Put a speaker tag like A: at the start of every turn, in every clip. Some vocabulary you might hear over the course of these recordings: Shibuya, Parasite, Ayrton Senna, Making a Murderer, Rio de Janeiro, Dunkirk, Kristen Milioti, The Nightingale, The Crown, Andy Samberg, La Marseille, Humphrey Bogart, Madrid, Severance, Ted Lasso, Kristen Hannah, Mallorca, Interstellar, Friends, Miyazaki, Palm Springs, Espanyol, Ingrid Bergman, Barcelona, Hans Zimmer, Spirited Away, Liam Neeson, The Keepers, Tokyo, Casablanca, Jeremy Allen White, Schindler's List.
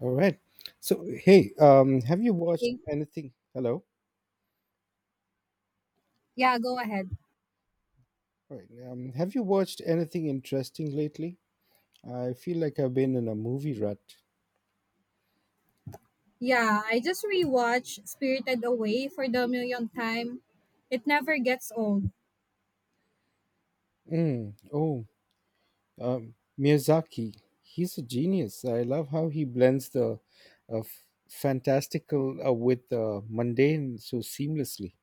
A: All right. Have you watched
B: Okay.
A: anything? Hello.
B: Yeah, go ahead.
A: All right. Have you watched anything interesting lately? I feel like I've been in a movie rut.
B: Yeah, I just rewatched Spirited Away for the millionth time. It never gets old.
A: Mm, oh, um, Miyazaki. He's a genius. I love how he blends the fantastical with the mundane so seamlessly.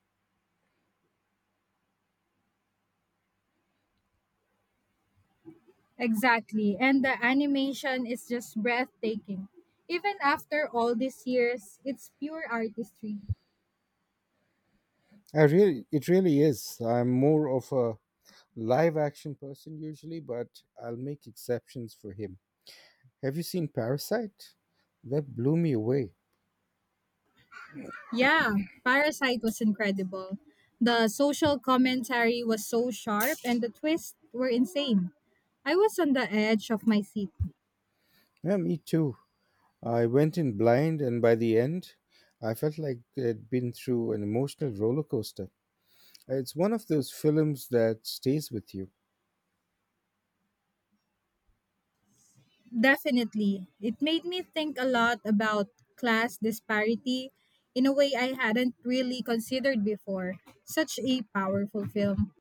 B: Exactly. And the animation is just breathtaking. Even after all these years, it's pure artistry.
A: It really is. I'm more of a live action person usually, but I'll make exceptions for him. Have you seen Parasite? That blew me away.
B: Yeah, Parasite was incredible. The social commentary was so sharp and the twists were insane. I was on the edge of my seat.
A: Yeah, me too. I went in blind, and by the end, I felt like I'd been through an emotional roller coaster. It's one of those films that stays with you.
B: Definitely. It made me think a lot about class disparity in a way I hadn't really considered before. Such a powerful film.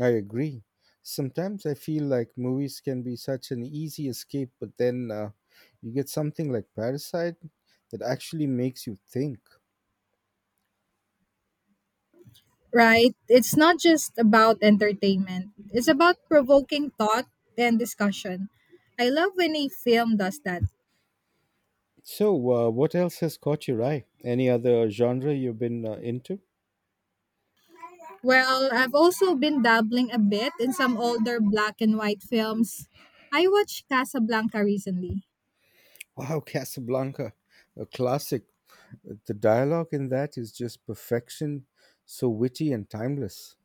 A: I agree. Sometimes I feel like movies can be such an easy escape, but then you get something like Parasite that actually makes you think.
B: Right? It's not just about entertainment, it's about provoking thought and discussion. I love when a film does that.
A: What else has caught your eye? Any other genre you've been into?
B: Well, I've also been dabbling a bit in some older black and white films. I watched Casablanca recently.
A: Wow, Casablanca, a classic. The dialogue in that is just perfection, so witty and timeless.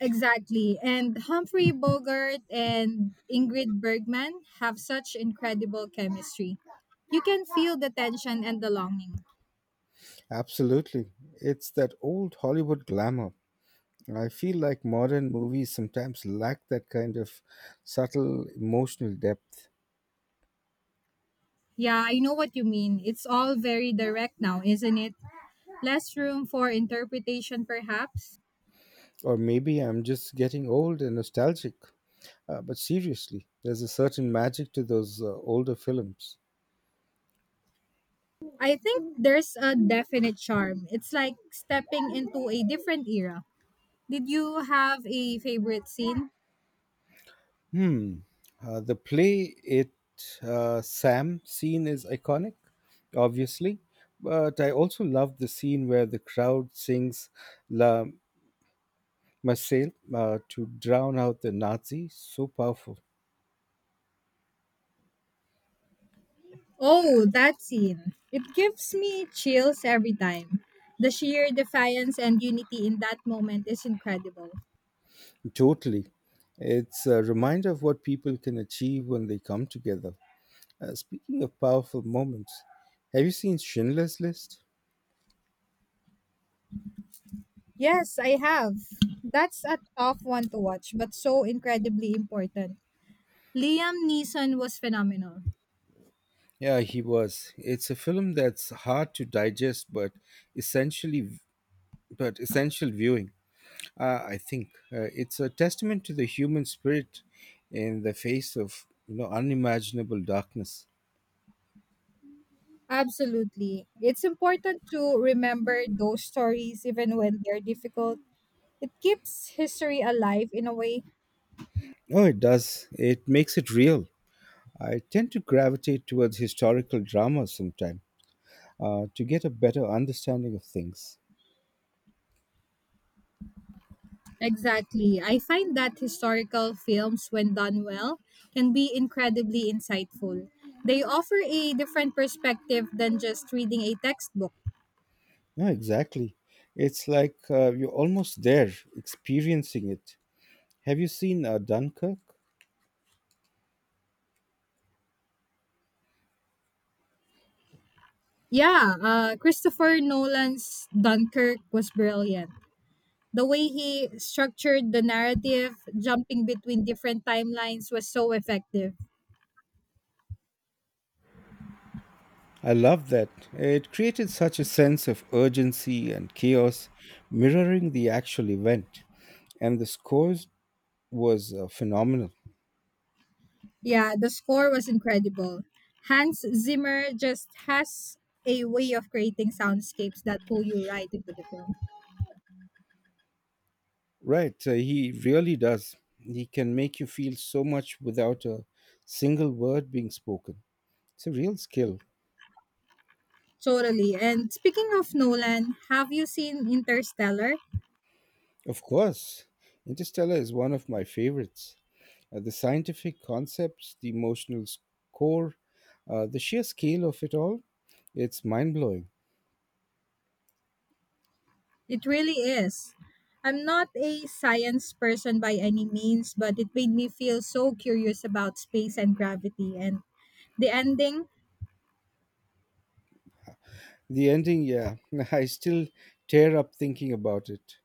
B: Exactly. And Humphrey Bogart and Ingrid Bergman have such incredible chemistry. You can feel the tension and the longing.
A: Absolutely. It's that old Hollywood glamour. I feel like modern movies sometimes lack that kind of subtle emotional depth.
B: Yeah, I know what you mean. It's all very direct now, isn't it? Less room for interpretation, perhaps.
A: Or maybe I'm just getting old and nostalgic. But seriously, there's a certain magic to those older films.
B: I think there's a definite charm. It's like stepping into a different era. Did you have a favorite scene?
A: Hmm. The play it Sam scene is iconic, obviously, but I also love the scene where the crowd sings La Marseille to drown out the Nazis. So powerful.
B: Oh, that scene. It gives me chills every time. The sheer defiance and unity in that moment is incredible.
A: Totally. It's a reminder of what people can achieve when they come together. Speaking of powerful moments, have you seen Schindler's List?
B: Yes, I have. That's a tough one to watch, but so incredibly important. Liam Neeson was phenomenal.
A: Yeah, he was. It's a film that's hard to digest, essentially but essential viewing. I think it's a testament to the human spirit in the face of unimaginable darkness.
B: Absolutely. It's important to remember those stories even when they're difficult. It keeps history alive in a way.
A: Oh, it does. It makes it real. I tend to gravitate towards historical dramas sometimes to get a better understanding of things.
B: Exactly. I find that historical films, when done well, can be incredibly insightful. They offer a different perspective than just reading a textbook.
A: Yeah, exactly. It's like you're almost there, experiencing it. Have you seen Dunkirk?
B: Yeah, Christopher Nolan's Dunkirk was brilliant. The way he structured the narrative, jumping between different timelines, was so effective.
A: I love that. It created such a sense of urgency and chaos, mirroring the actual event. And the score was phenomenal.
B: Yeah, the score was incredible. Hans Zimmer just has a way of creating soundscapes that pull you right into the film.
A: Right, he really does. He can make you feel so much without a single word being spoken. It's a real skill.
B: Totally. And speaking of Nolan, have you seen Interstellar?
A: Of course, Interstellar is one of my favorites. The scientific concepts, the emotional score, the sheer scale of it all, it's mind blowing.
B: It really is. I'm not a science person by any means, but it made me feel so curious about space and gravity. And the ending,
A: The ending, yeah, I still tear up thinking about it.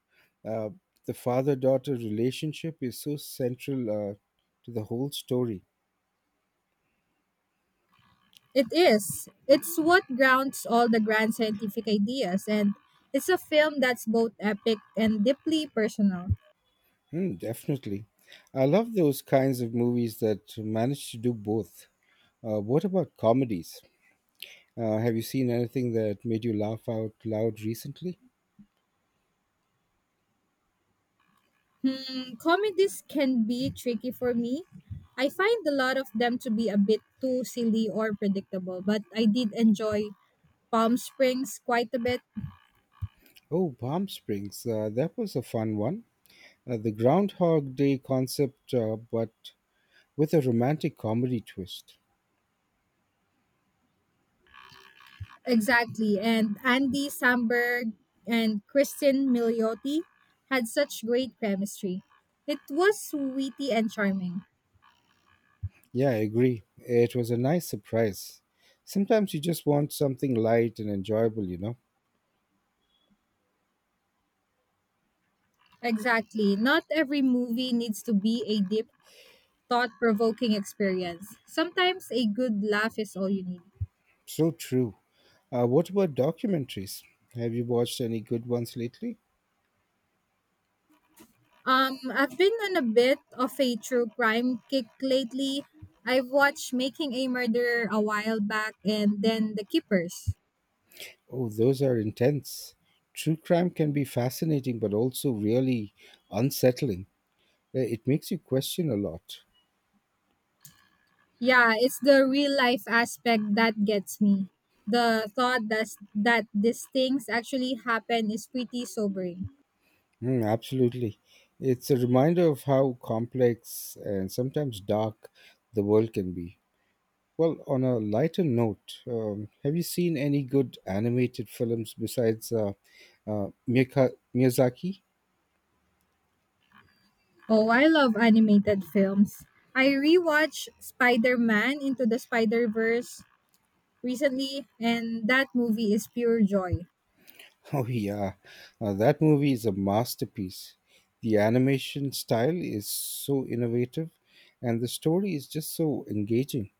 A: Uh, the father daughter relationship is so central to the whole story.
B: it is. It's what grounds all the grand scientific ideas. And it's a film that's both epic and deeply personal.
A: Hmm, definitely. I love those kinds of movies that manage to do both. What about comedies? Have you seen anything that made you laugh out loud recently?
B: Hmm, comedies can be tricky for me. I find a lot of them to be a bit too silly or predictable, but I did enjoy Palm Springs quite a bit.
A: Oh, Palm Springs. That was a fun one. The Groundhog Day concept, but with a romantic comedy twist.
B: Exactly. And Andy Samberg and Kristen Milioti had such great chemistry. It was witty and charming.
A: Yeah, I agree. It was a nice surprise. Sometimes you just want something light and enjoyable, you know?
B: Exactly. Not every movie needs to be a deep, thought provoking experience. Sometimes a good laugh is all you need.
A: So true. What about documentaries? Have you watched any good ones lately?
B: I've been on a bit of a true crime kick lately. I've watched Making a Murderer a while back and then The Keepers.
A: Oh, those are intense. True crime can be fascinating, but also really unsettling. It makes you question a lot.
B: Yeah, it's the real life aspect that gets me. The thought that these things actually happen is pretty sobering.
A: Mm, absolutely. It's a reminder of how complex and sometimes dark the world can be. Well, on a lighter note, have you seen any good animated films besides Miyazaki?
B: Oh, I love animated films. I rewatched Spider-Man Into the Spider-Verse recently and that movie is pure joy.
A: Oh, yeah. That movie is a masterpiece. The animation style is so innovative, and the story is just so engaging.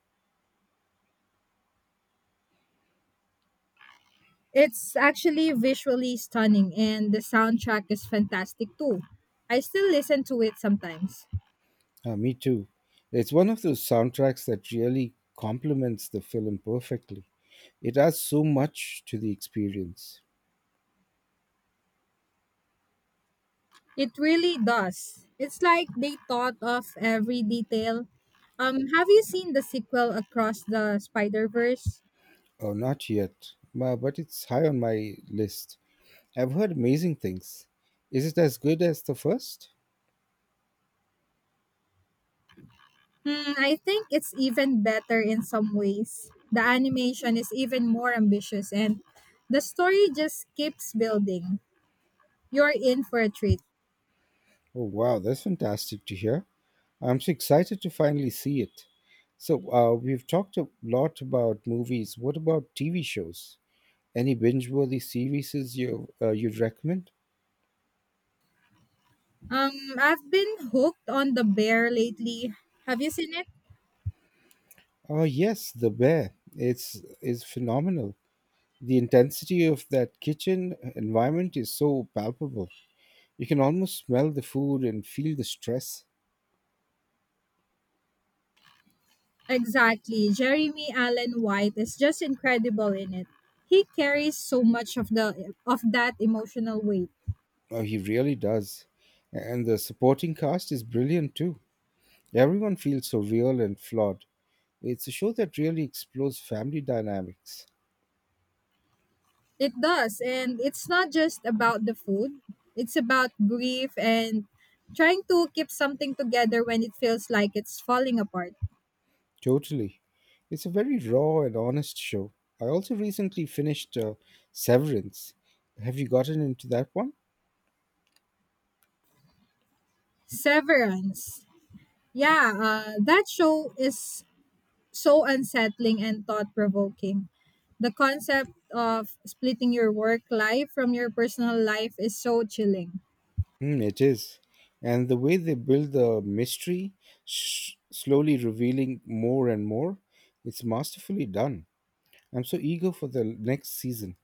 B: It's actually visually stunning, and the soundtrack is fantastic too. I still listen to it sometimes.
A: Me too. It's one of those soundtracks that really complements the film perfectly. It adds so much to the experience.
B: It really does. It's like they thought of every detail. Have you seen the sequel across the Spider Verse?
A: Oh, not yet, Ma- but it's high on my list. I've heard amazing things. Is it as good as the first?
B: Hmm, I think it's even better in some ways. The animation is even more ambitious, and the story just keeps building. You're in for a treat.
A: Oh, wow, that's fantastic to hear. I'm so excited to finally see it. We've talked a lot about movies. What about TV shows? Any binge-worthy series you'd recommend?
B: I've been hooked on the bear lately. Have you seen it?
A: Oh, yes, The Bear. It's Is phenomenal. The intensity of that kitchen environment is so palpable. You can almost smell the food and feel the stress.
B: Exactly. Jeremy Allen White is just incredible in it. He carries so much of the of that emotional weight.
A: Oh, he really does. And the supporting cast is brilliant too. Everyone feels so real and flawed. It's a show that really explores family dynamics.
B: It does, and it's not just about the food. It's about grief and trying to keep something together when it feels like it's falling apart.
A: Totally. It's a very raw and honest show. I also recently finished Severance. Have you gotten into that one?
B: Severance. Yeah, that show is so unsettling and thought provoking. The concept of splitting your work life from your personal life is so chilling.
A: Mm, it is. And the way they build the mystery, slowly revealing more and more, it's masterfully done. I'm so eager for the next season.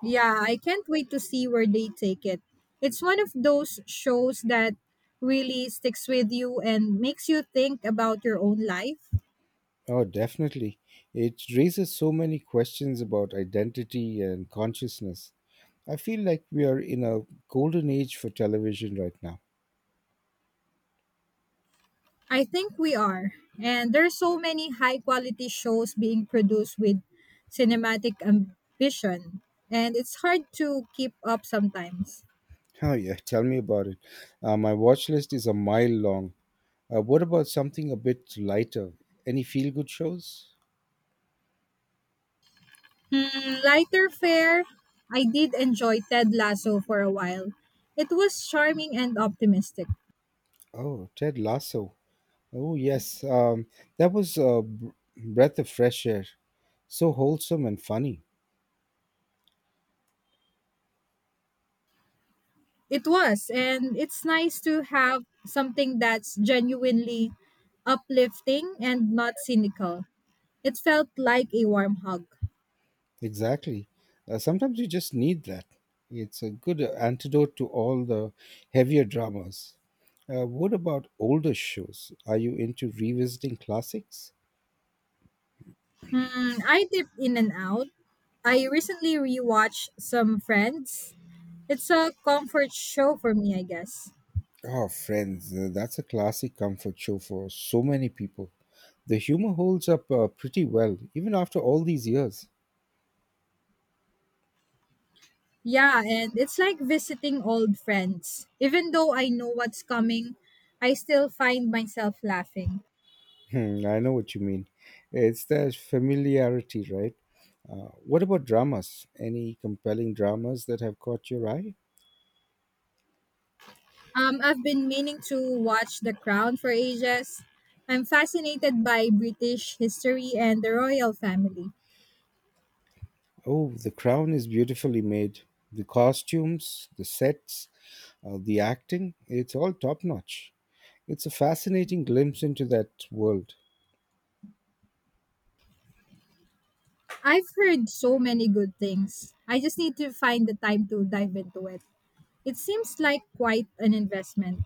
B: Yeah, I can't wait to see where they take it. It's one of those shows that really sticks with you and makes you think about your own life.
A: Oh, definitely. It raises so many questions about identity and consciousness. I feel like we are in a golden age for television right now.
B: I think we are. And there's so many high quality shows being produced with cinematic ambition. And it's hard to keep up sometimes.
A: Oh, yeah, tell me about it. My watch list is a mile long. What about something a bit lighter? Any feel good shows?
B: Hmm, lighter fare, I did enjoy Ted Lasso for a while. It was charming and optimistic.
A: Oh, Ted Lasso. Oh, yes. That was a breath of fresh air. So wholesome and funny.
B: It was, and it's nice to have something that's genuinely uplifting and not cynical. It felt like a warm hug.
A: Exactly. Sometimes you just need that. It's a good antidote to all the heavier dramas. What about older shows? Are you into revisiting classics?
B: Hmm, I dip in and out. I recently rewatched some Friends. It's a comfort show for me, I guess.
A: Oh, Friends, that's a classic comfort show for so many people. The humor holds up pretty well, even after all these years.
B: Yeah, and it's like visiting old friends. Even though I know what's coming, I still find myself laughing.
A: Hmm, I know what you mean. It's that familiarity, right? What about dramas? Any compelling dramas that have caught your eye?
B: I've been meaning to watch The Crown for ages. I'm fascinated by British history and the royal family.
A: Oh, the crown is beautifully made. The costumes, the sets, the acting, it's all top notch. It's a fascinating glimpse into that world.
B: I've heard so many good things. I just need to find the time to dive into it. It seems like quite an investment.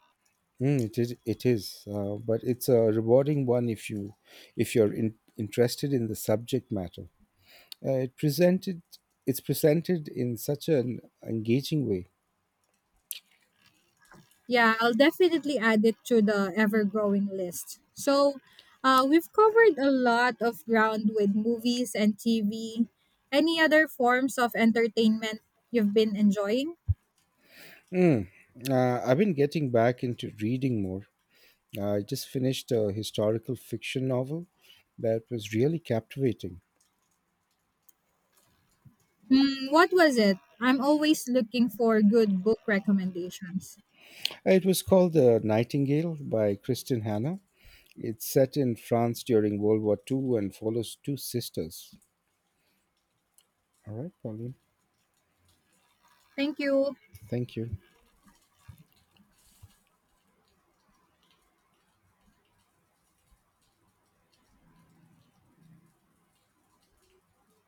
A: Mm, it is, it is but it's a rewarding one if you're in, interested in the subject matter. Uh, it presented it's presented in such an engaging way.
B: Yeah, I'll definitely add it to the ever growing list. So, we've covered a lot of ground with movies and TV. Any other forms of entertainment you've been enjoying?
A: Mm, I've been getting back into reading more. I just finished a historical fiction novel that was really captivating.
B: Mm, what was it? I'm always looking for good book recommendations.
A: It was called The Nightingale by Kristen Hannah. It's set in France during World War Two and follows two sisters. All right, Pauline.
B: Thank you.
A: Thank you.